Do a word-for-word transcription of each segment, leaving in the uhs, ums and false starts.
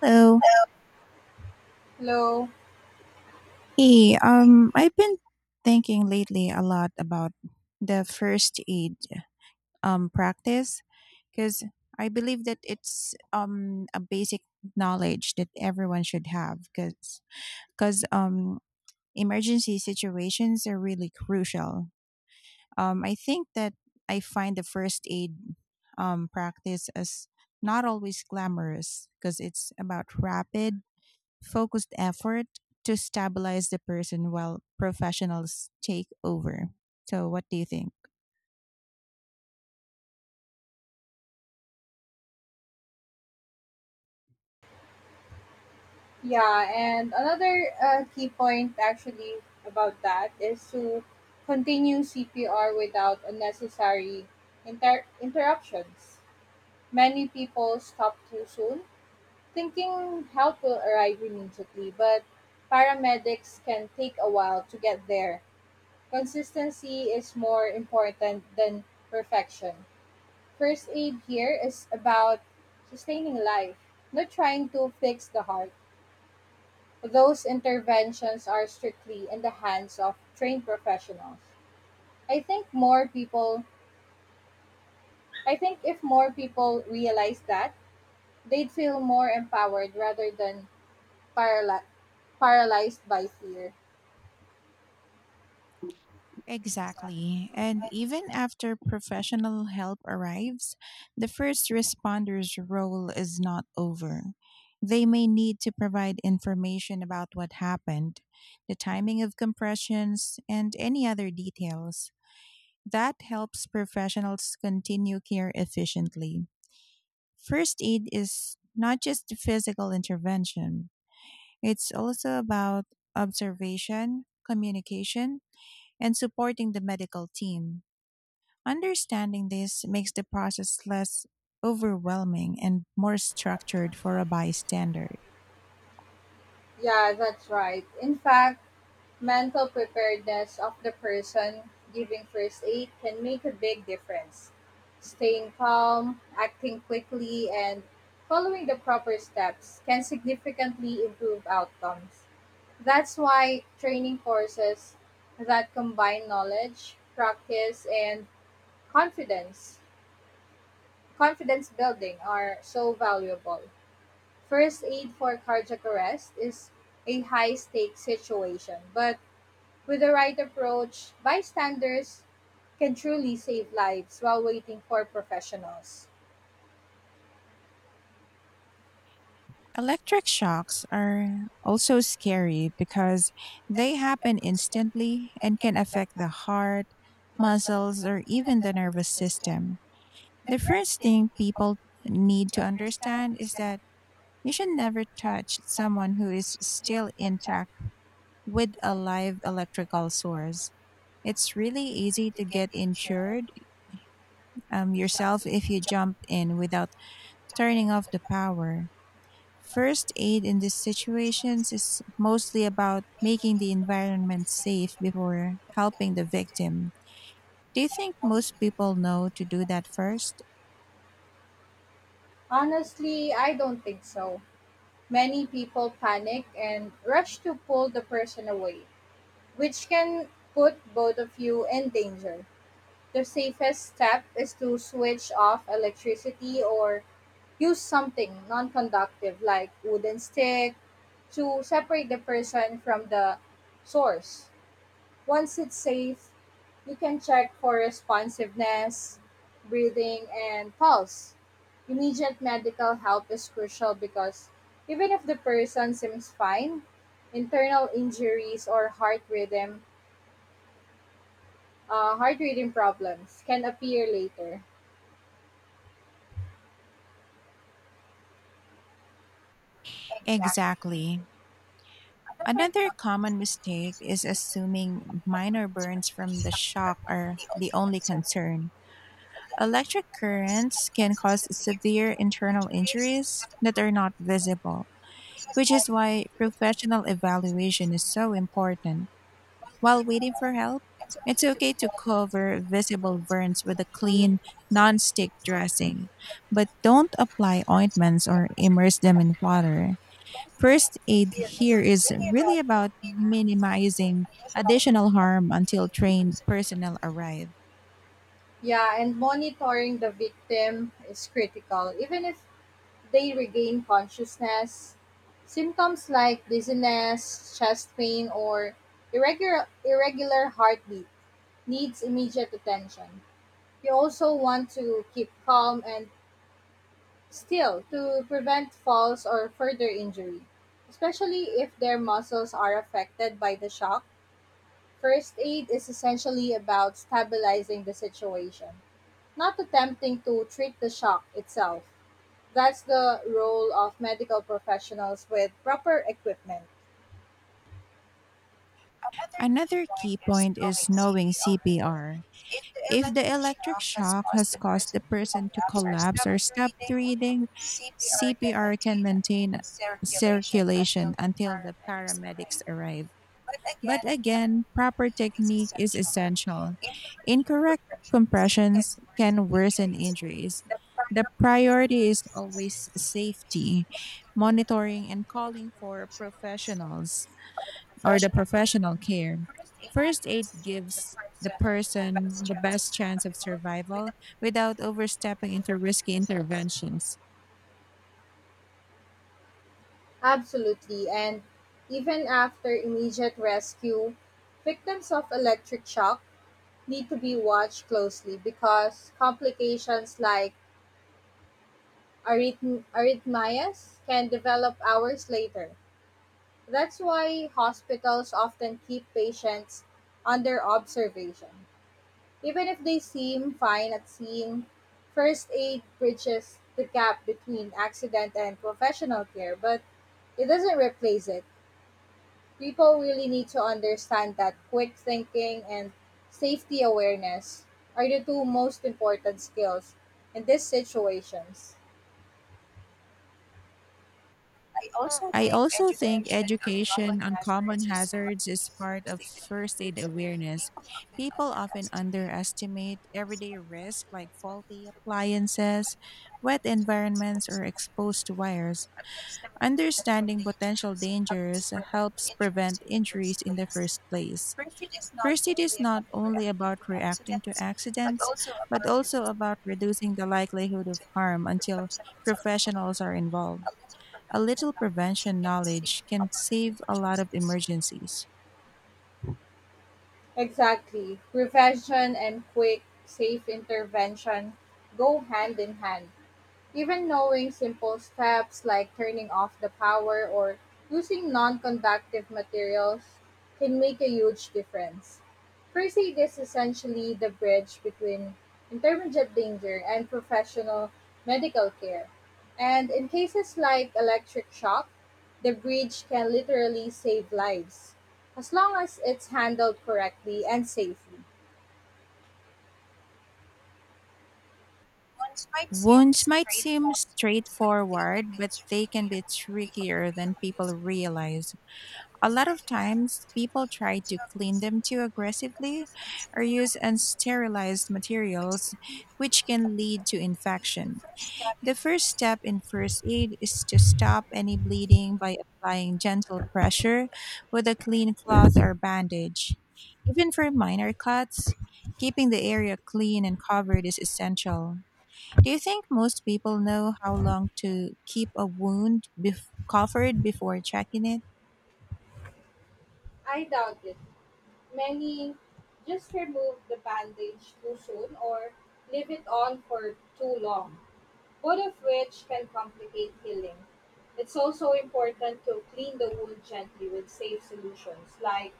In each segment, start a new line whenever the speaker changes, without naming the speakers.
Hello.
Hello.
Hey, um, I've been thinking lately a lot about the first aid um practice, because I believe that it's um a basic knowledge that everyone should have, because because um emergency situations are really crucial. Um, I think that I find the first aid um practice as not always glamorous, because it's about rapid focused effort to stabilize the person while professionals take over. So, what do you think?
Yeah, and another uh, key point actually about that is to continue C P R without unnecessary inter- interruptions. Many people stop too soon, thinking help will arrive immediately, but paramedics can take a while to get there. Consistency is more important than perfection. First aid here is about sustaining life, not trying to fix the heart. Those interventions are strictly in the hands of trained professionals. I think more people, I think if more people realize that, they'd feel more empowered rather than paraly- paralyzed by fear.
Exactly. And even after professional help arrives, the first responder's role is not over. They may need to provide information about what happened, the timing of compressions, and any other details. That helps professionals continue care efficiently. First aid is not just physical intervention, it's also about observation, communication, and supporting the medical team. Understanding this makes the process less overwhelming and more structured for a bystander.
Yeah, that's right. In fact, mental preparedness of the person giving first aid can make a big difference. Staying calm, acting quickly, and following the proper steps can significantly improve outcomes. That's why training courses that combine knowledge, practice, and confidence, confidence building are so valuable. First aid for cardiac arrest is a high stakes situation, but with the right approach, bystanders can truly save lives while waiting for professionals.
Electric shocks are also scary because they happen instantly and can affect the heart, muscles, or even the nervous system. The first thing people need to understand is that you should never touch someone who is still intact with a live electrical source. It's really easy to get injured um, yourself if you jump in without turning off the power. First aid in these situations is mostly about making the environment safe before helping the victim. Do you think most people know to do that first?
Honestly, I don't think so. Many people panic and rush to pull the person away, which can put both of you in danger. The safest step is to switch off electricity or use something non conductive like wooden stick to separate the person from the source. Once it's safe, you can check for responsiveness, breathing, and pulse. Immediate medical help is crucial because even if the person seems fine, internal injuries or heart rhythm uh, heart rhythm problems can appear later.
Exactly. Another common mistake is assuming minor burns from the shock are the only concern. Electric currents can cause severe internal injuries that are not visible, which is why professional evaluation is so important. While waiting for help, it's okay to cover visible burns with a clean, non stick dressing, but don't apply ointments or immerse them in water. First aid here is really about minimizing additional harm until trained personnel arrive.
Yeah, and monitoring the victim is critical. Even if they regain consciousness, symptoms like dizziness, chest pain, or irregular, irregular heartbeat needs immediate attention. You also want to keep calm and still to prevent falls or further injury, especially if their muscles are affected by the shock. First aid is essentially about stabilizing the situation, not attempting to treat the shock itself. That's the role of medical professionals with proper equipment.
Another key point is knowing C P R. If the electric shock has caused the person to collapse or stop breathing, C P R can maintain circulation until the paramedics arrive. But again, proper technique is essential. Incorrect compressions can worsen injuries. The priority is always safety, monitoring, and calling for professionals or the professional care. First aid gives the person the best chance of survival without overstepping into risky interventions.
Absolutely. And even after immediate rescue, victims of electric shock need to be watched closely because complications like arrhythm- arrhythmias can develop hours later. That's why hospitals often keep patients under observation. Even if they seem fine at scene, first aid bridges the gap between accident and professional care, but it doesn't replace it. People really need to understand that quick thinking and safety awareness are the two most important skills in these situations.
I also think education on common hazards is part of first aid awareness. People often underestimate everyday risks like faulty appliances, wet environments, or exposed wires. Understanding potential dangers helps prevent injuries in the first place. First aid is not only about reacting to accidents, but also about reducing the likelihood of harm until professionals are involved. A little prevention knowledge can save a lot of emergencies.
Exactly. Prevention and quick, safe intervention go hand in hand. Even knowing simple steps like turning off the power or using non conductive materials can make a huge difference. First aid is essentially the bridge between intermediate danger and professional medical care. And in cases like electric shock, the bridge can literally save lives, as long as it's handled correctly and safely.
Wounds might seem straightforward, but they can be trickier than people realize. A lot of times, people try to clean them too aggressively or use unsterilized materials, which can lead to infection. The first step in first aid is to stop any bleeding by applying gentle pressure with a clean cloth or bandage. Even for minor cuts, keeping the area clean and covered is essential. Do you think most people know how long to keep a wound bef- covered before checking it?
I doubt it. Many just remove the bandage too soon or leave it on for too long, both of which can complicate healing. It's also important to clean the wound gently with safe solutions like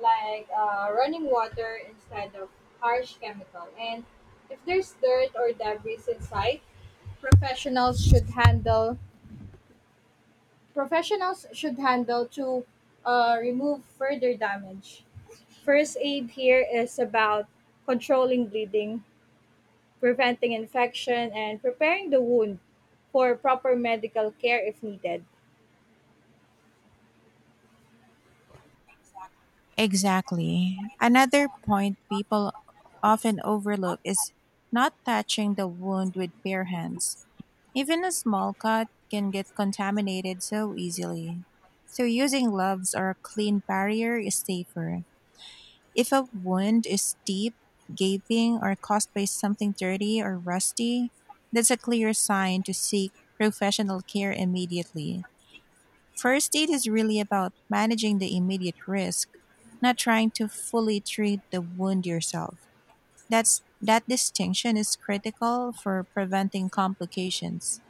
like uh, running water instead of harsh chemical. And if there's dirt or debris inside, professionals should handle professionals should handle to uh, remove further damage. First aid here is about controlling bleeding, preventing infection, and preparing the wound for proper medical care if needed.
Exactly. Another point people often overlook is not touching the wound with bare hands. Even a small cut can get contaminated so easily. So using gloves or a clean barrier is safer. If a wound is deep, gaping, or caused by something dirty or rusty, that's a clear sign to seek professional care immediately. First aid is really about managing the immediate risk, not trying to fully treat the wound yourself. That's that distinction is critical for preventing complications.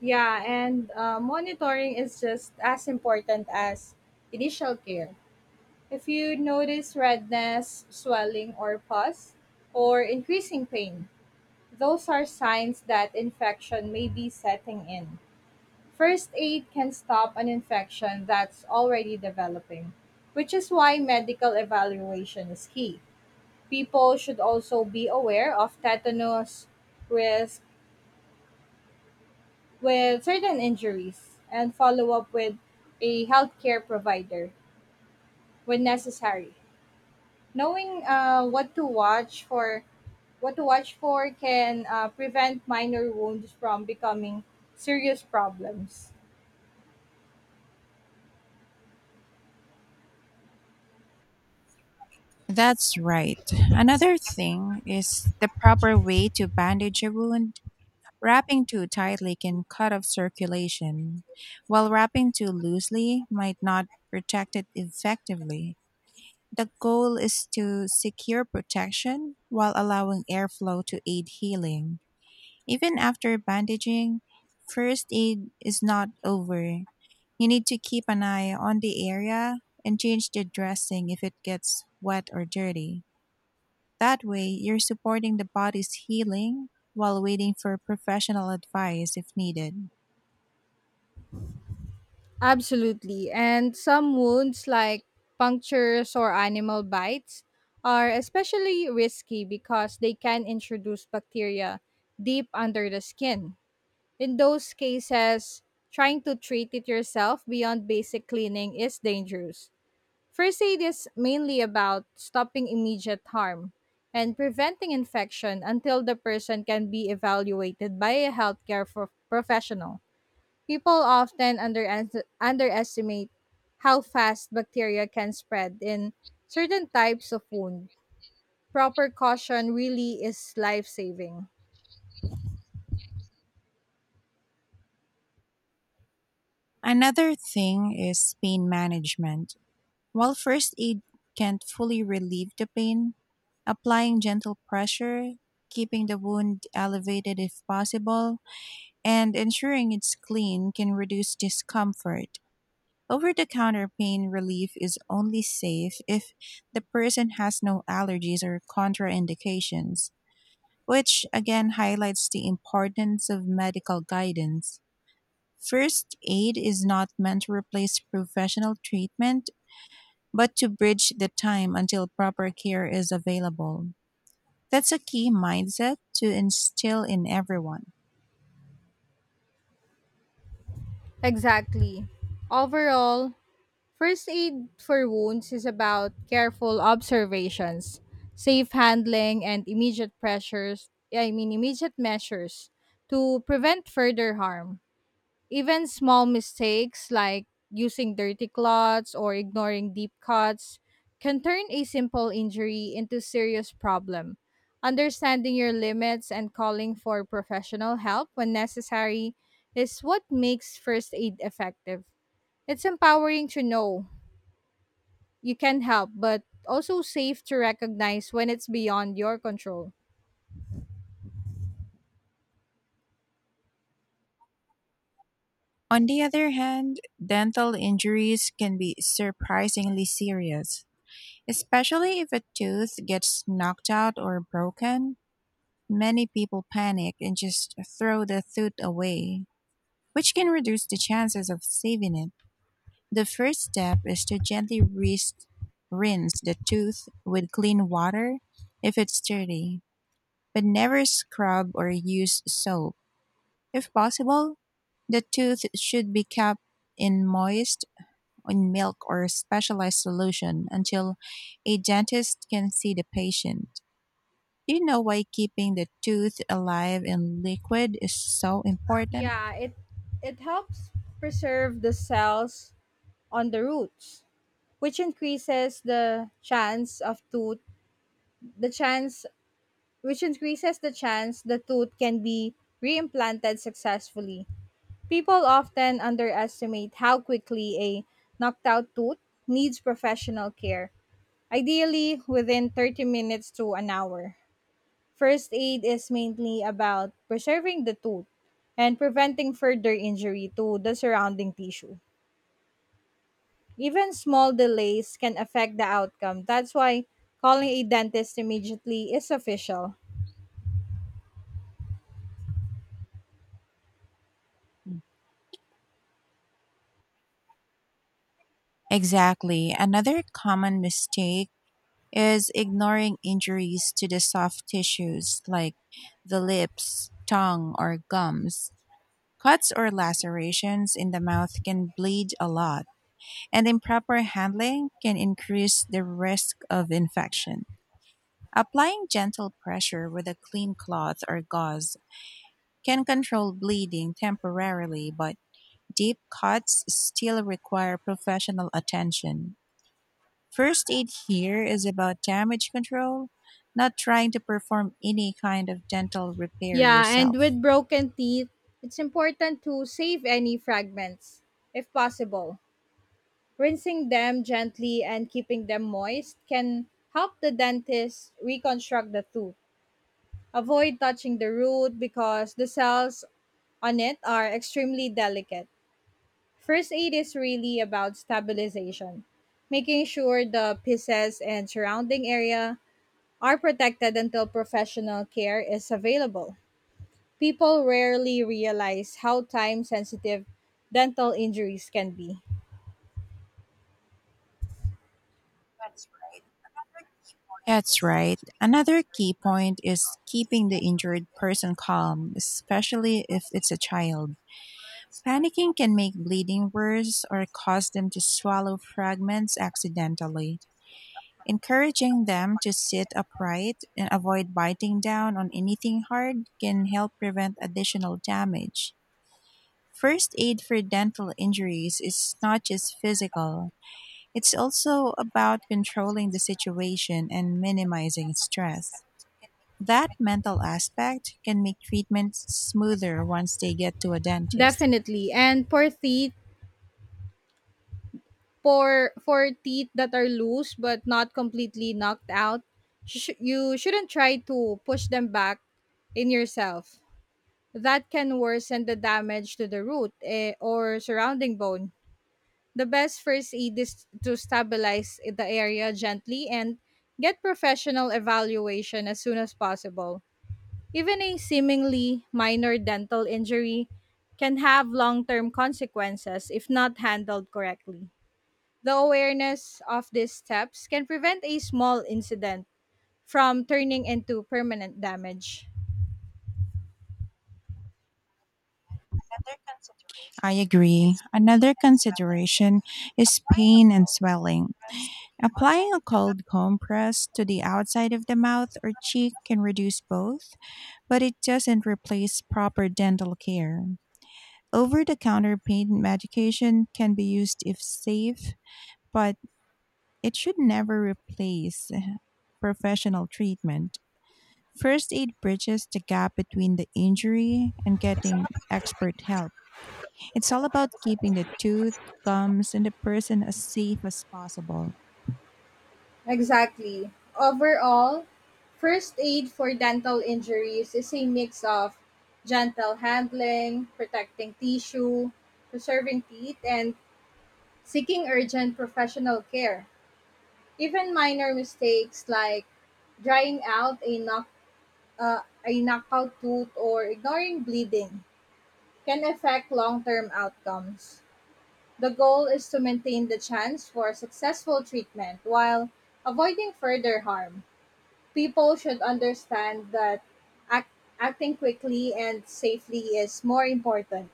Yeah, and uh, monitoring is just as important as initial care. If you notice redness, swelling, or pus, or increasing pain, those are signs that infection may be setting in. First aid can stop an infection that's already developing, which is why medical evaluation is key. People should also be aware of tetanus risk with certain injuries and follow up with a healthcare provider when necessary. Knowing uh, what to watch for what to watch for can uh, prevent minor wounds from becoming serious problems.
That's right. Another thing is the proper way to bandage a wound. Wrapping too tightly can cut off circulation, while wrapping too loosely might not protect it effectively. The goal is to secure protection while allowing airflow to aid healing. Even after bandaging, first aid is not over. You need to keep an eye on the area and change the dressing if it gets wet or dirty. That way, you're supporting the body's healing while waiting for professional advice if needed.
Absolutely. And some wounds, like punctures or animal bites, are especially risky because they can introduce bacteria deep under the skin. In those cases, trying to treat it yourself beyond basic cleaning is dangerous. First aid is mainly about stopping immediate harm and preventing infection until the person can be evaluated by a healthcare pro- professional. People often under- underestimate how fast bacteria can spread in certain types of wound. Proper caution really is life saving.
Another thing is pain management. While first aid can't fully relieve the pain, applying gentle pressure, keeping the wound elevated if possible, and ensuring it's clean can reduce discomfort. Over the counter pain relief is only safe if the person has no allergies or contraindications, which again highlights the importance of medical guidance. First aid is not meant to replace professional treatment, but to bridge the time until proper care is available. That's a key mindset to instill in everyone.
Exactly. Overall, first aid for wounds is about careful observations, safe handling, and immediate pressures. I mean, immediate measures to prevent further harm. Even small mistakes like using dirty cloths or ignoring deep cuts can turn a simple injury into serious problem. Understanding your limits and calling for professional help when necessary is what makes first aid effective. It's empowering to know you can help, but also safe to recognize when it's beyond your control.
On the other hand, dental injuries can be surprisingly serious, especially if a tooth gets knocked out or broken. Many people panic and just throw the tooth away, which can reduce the chances of saving it. The first step is to gently rinse, rinse the tooth with clean water if it's dirty, but never scrub or use soap. If possible, the tooth should be kept in moist in milk or specialized solution until a dentist can see the patient. Do you know why keeping the tooth alive in liquid is so important?
Yeah, it it helps preserve the cells on the roots, which increases the chance of tooth the chance which increases the chance the tooth can be reimplanted successfully. People often underestimate how quickly a knocked out tooth needs professional care, ideally within thirty minutes to an hour. First aid is mainly about preserving the tooth and preventing further injury to the surrounding tissue. Even small delays can affect the outcome. That's why calling a dentist immediately is official.
Exactly. Another common mistake is ignoring injuries to the soft tissues like the lips, tongue, or gums. Cuts or lacerations in the mouth can bleed a lot, and improper handling can increase the risk of infection. Applying gentle pressure with a clean cloth or gauze can control bleeding temporarily, but deep cuts still require professional attention. First aid here is about damage control, not trying to perform any kind of dental repair
Yeah, and
yourself.
with broken teeth, it's important to save any fragments if possible. Rinsing them gently and keeping them moist can help the dentist reconstruct the tooth. Avoid touching the root because the cells on it are extremely delicate. First aid is really about stabilization, making sure the pieces and surrounding area are protected until professional care is available. People rarely realize how time sensitive dental injuries can be.
That's right. Another key point is keeping the injured person calm, especially if it's a child. Panicking can make bleeding worse or cause them to swallow fragments accidentally. Encouraging them to sit upright and avoid biting down on anything hard can help prevent additional damage. First aid for dental injuries is not just physical, it's also about controlling the situation and minimizing stress. That mental aspect can make treatments smoother once they get to a dentist.
Definitely. And for teeth, for, for teeth that are loose but not completely knocked out, sh- you shouldn't try to push them back in yourself. That can worsen the damage to the root eh, or surrounding bone. The best first aid is to stabilize the area gently and get professional evaluation as soon as possible. Even a seemingly minor dental injury can have long term consequences if not handled correctly. The awareness of these steps can prevent a small incident from turning into permanent damage.
I agree. Another consideration is pain and swelling. Applying a cold compress to the outside of the mouth or cheek can reduce both, but it doesn't replace proper dental care. Over the counter pain medication can be used if safe, but it should never replace professional treatment. First aid bridges the gap between the injury and getting expert help. It's all about keeping the tooth, gums, and the person as safe as possible.
Exactly. Overall, first aid for dental injuries is a mix of gentle handling, protecting tissue, preserving teeth, and seeking urgent professional care. Even minor mistakes like drying out a knock uh, a knockout tooth or ignoring bleeding can affect long-term outcomes. The goal is to maintain the chance for successful treatment while avoiding further harm. People should understand that act, acting quickly and safely is more important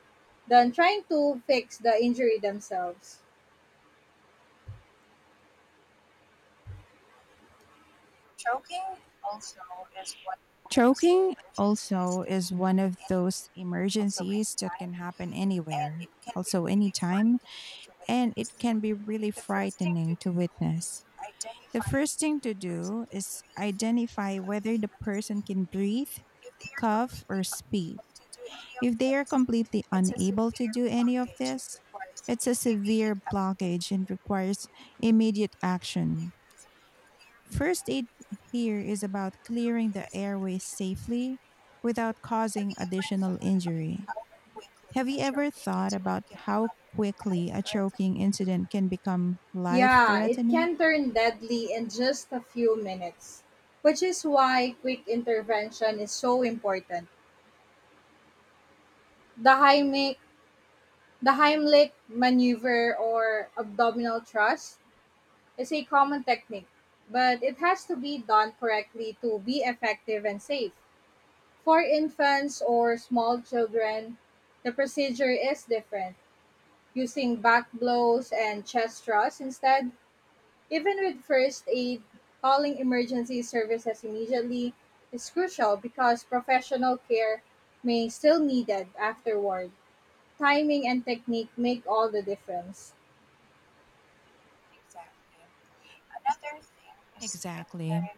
than trying to fix the injury themselves.
Choking also is one of those emergencies that can happen anywhere, also anytime, and it can be really frightening to witness. The first thing to do is identify whether the person can breathe, cough, or speak. If they are completely unable to do any of this, it's a severe blockage and requires immediate action. First aid here is about clearing the airway safely without causing additional injury. Have you ever thought about how quickly a choking incident can become life
Yeah, it
threatening?
can turn deadly in just a few minutes, which is why quick intervention is so important. The Heimlich, the Heimlich maneuver or abdominal thrust is a common technique, but it has to be done correctly to be effective and safe. For infants or small children, the procedure is different, using back blows and chest thrusts instead. Even with first aid, calling emergency services immediately is crucial because professional care may still needed afterward. Timing and technique make all the difference.
Exactly.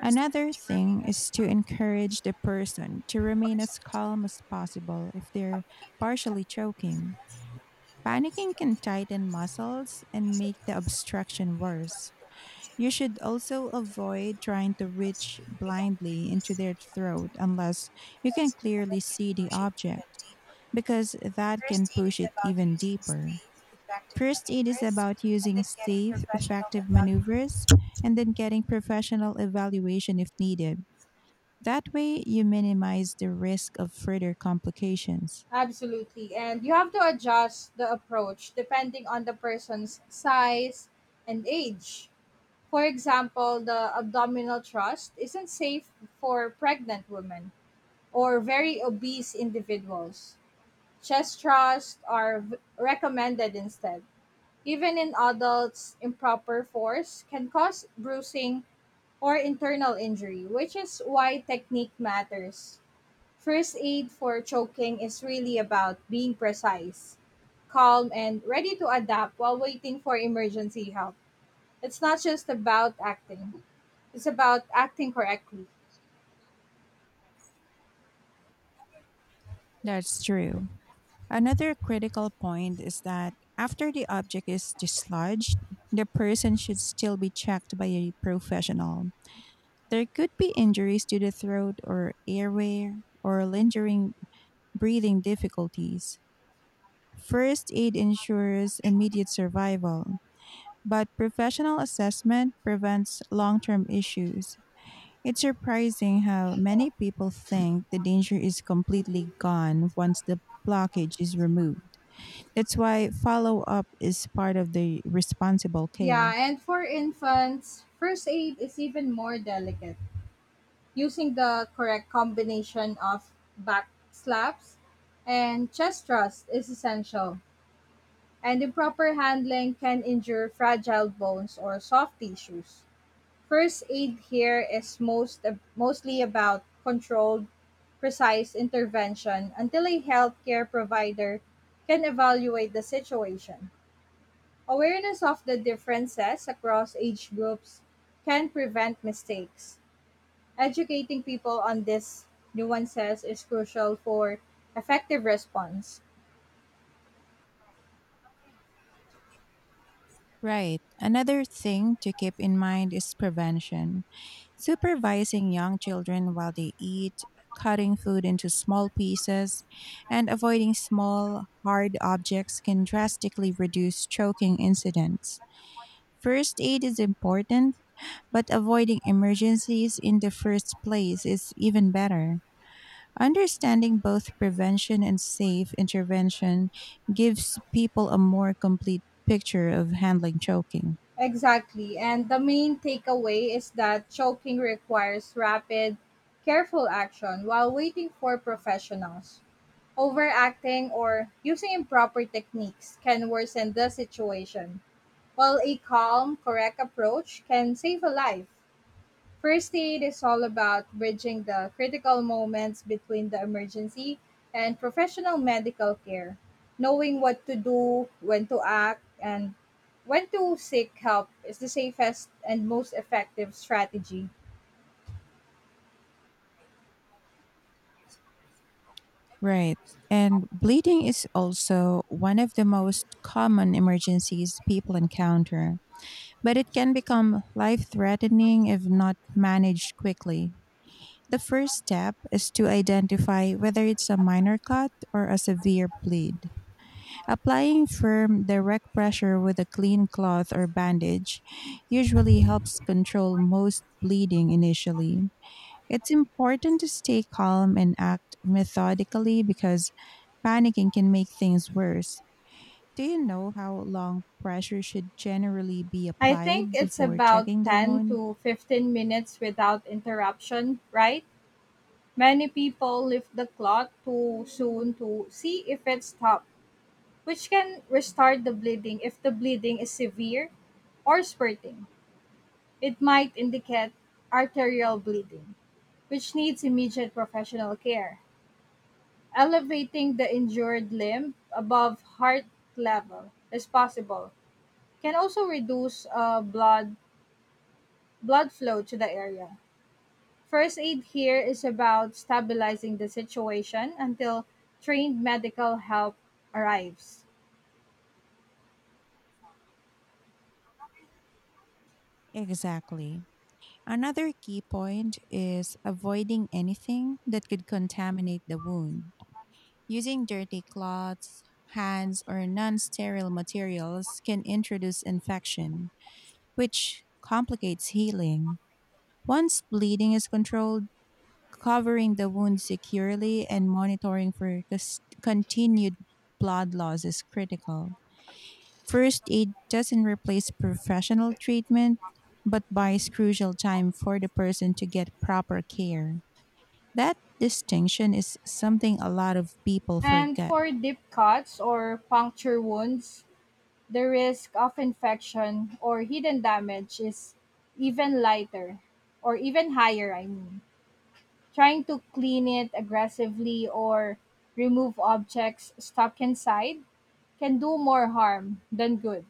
Another thing is to encourage the person to remain as calm as possible if they're partially choking. Panicking can tighten muscles and make the obstruction worse. You should also avoid trying to reach blindly into their throat unless you can clearly see the object, because that can push it even deeper. First aid is about using safe, effective maneuvers and then getting professional evaluation if needed. That way, you minimize the risk of further complications.
Absolutely. And you have to adjust the approach depending on the person's size and age. For example, the abdominal thrust isn't safe for pregnant women or very obese individuals. Chest thrusts are v- recommended instead. Even in adults, improper force can cause bruising or internal injury, which is why technique matters. First aid for choking is really about being precise, calm, and ready to adapt while waiting for emergency help. It's not just about acting. It's about acting correctly.
That's true. Another critical point is that after the object is dislodged, the person should still be checked by a professional. There could be injuries to the throat or airway or lingering breathing difficulties. First aid ensures immediate survival, but professional assessment prevents long term issues. It's surprising how many people think the danger is completely gone once the blockage is removed. That's why follow up is part of the responsible
Yeah,
care.
and for infants, first aid is even more delicate, using the correct combination of back slaps and chest thrust is essential, and improper handling can injure fragile bones or soft tissues. First aid here is most mostly about controlled, precise intervention until a healthcare provider can evaluate the situation. Awareness of the differences across age groups can prevent mistakes. Educating people on these nuances is crucial for effective response.
Right. Another thing to keep in mind is prevention. Supervising young children while they eat, cutting food into small pieces, and avoiding small, hard objects can drastically reduce choking incidents. First aid is important, but avoiding emergencies in the first place is even better. Understanding both prevention and safe intervention gives people a more complete picture of handling choking.
Exactly. And the main takeaway is that choking requires rapid, careful action while waiting for professionals. Overacting or using improper techniques can worsen the situation, while a calm, correct approach can save a life. First aid is all about bridging the critical moments between the emergency and professional medical care. Knowing what to do, when to act, and when to seek help is the safest and most effective strategy.
Right. And bleeding is also one of the most common emergencies people encounter, but it can become life threatening if not managed quickly. The first step is to identify whether it's a minor cut or a severe bleed. Applying firm, direct pressure with a clean cloth or bandage usually helps control most bleeding initially. It's important to stay calm and act methodically because panicking can make things worse. Do you know how long pressure should generally be
I think
applied
it's
before
about
checking the
ten
wound?
to fifteen minutes without interruption, right? Many people lift the clot too soon to see if it stopped, which can restart the bleeding if the bleeding is severe or spurting. It might indicate arterial bleeding, which needs immediate professional care. Elevating the injured limb above heart level is possible can also reduce uh, blood blood flow to the area. First aid here is about stabilizing the situation until trained medical help arrives.
Exactly. Another key point is avoiding anything that could contaminate the wound. Using dirty cloths, hands, or non sterile materials can introduce infection, which complicates healing. Once bleeding is controlled, covering the wound securely and monitoring for cus- continued blood loss is critical. First aid doesn't replace professional treatment, but buys crucial time for the person to get proper care. That distinction is something a lot of people
And
forget.
for deep cuts or puncture wounds, the risk of infection or hidden damage is even lighter or even higher, I mean. Trying to clean it aggressively or remove objects stuck inside can do more harm than good.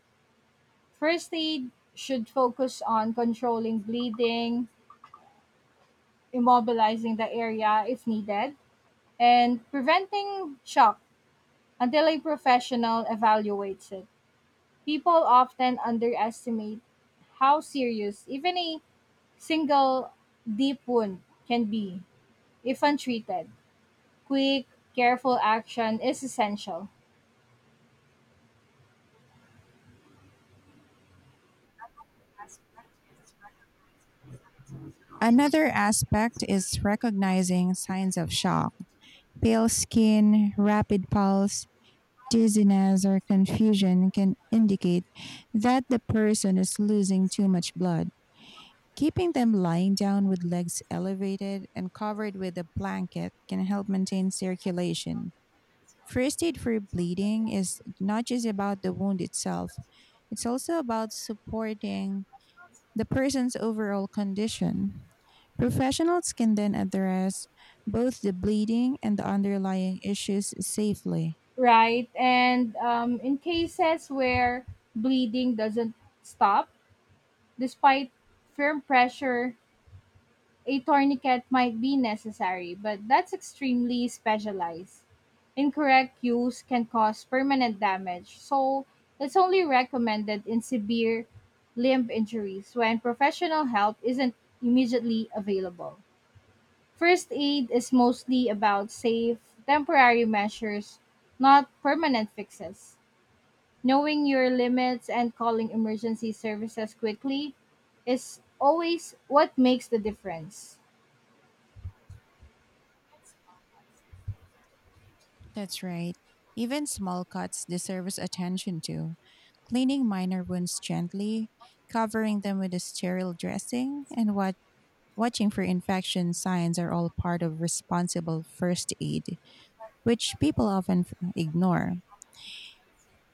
First aid should focus on controlling bleeding, immobilizing the area if needed, and preventing shock until a professional evaluates it. People often underestimate how serious even a single deep wound can be if untreated. Quick, careful action is essential,
Another aspect is recognizing signs of shock: pale skin, rapid pulse, dizziness or confusion can indicate that the person is losing too much blood. Keeping them lying down with legs elevated and covered with a blanket can help maintain circulation. First aid for bleeding is not just about the wound itself, it's also about supporting the person's overall condition. Professionals can then address both the bleeding and the underlying issues safely.
right? And um, in cases where bleeding doesn't stop despite firm pressure, a tourniquet might be necessary, but that's extremely specialized. Incorrect use can cause permanent damage, so it's only recommended in severe limb injuries when professional help isn't immediately available. First aid is mostly about safe, temporary measures, not permanent fixes. Knowing your limits and calling emergency services quickly is always what makes the difference.
That's right. Even small cuts deserve attention to. Cleaning minor wounds gently, covering them with a sterile dressing, and what watching for infection signs are all part of responsible first aid, which people often f- ignore.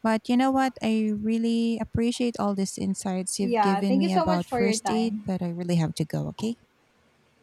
But you know what? I really appreciate all these insights you've
Yeah,
given
thank you
me
so much
about
for your
first aid,
time.
but I really have to go, okay?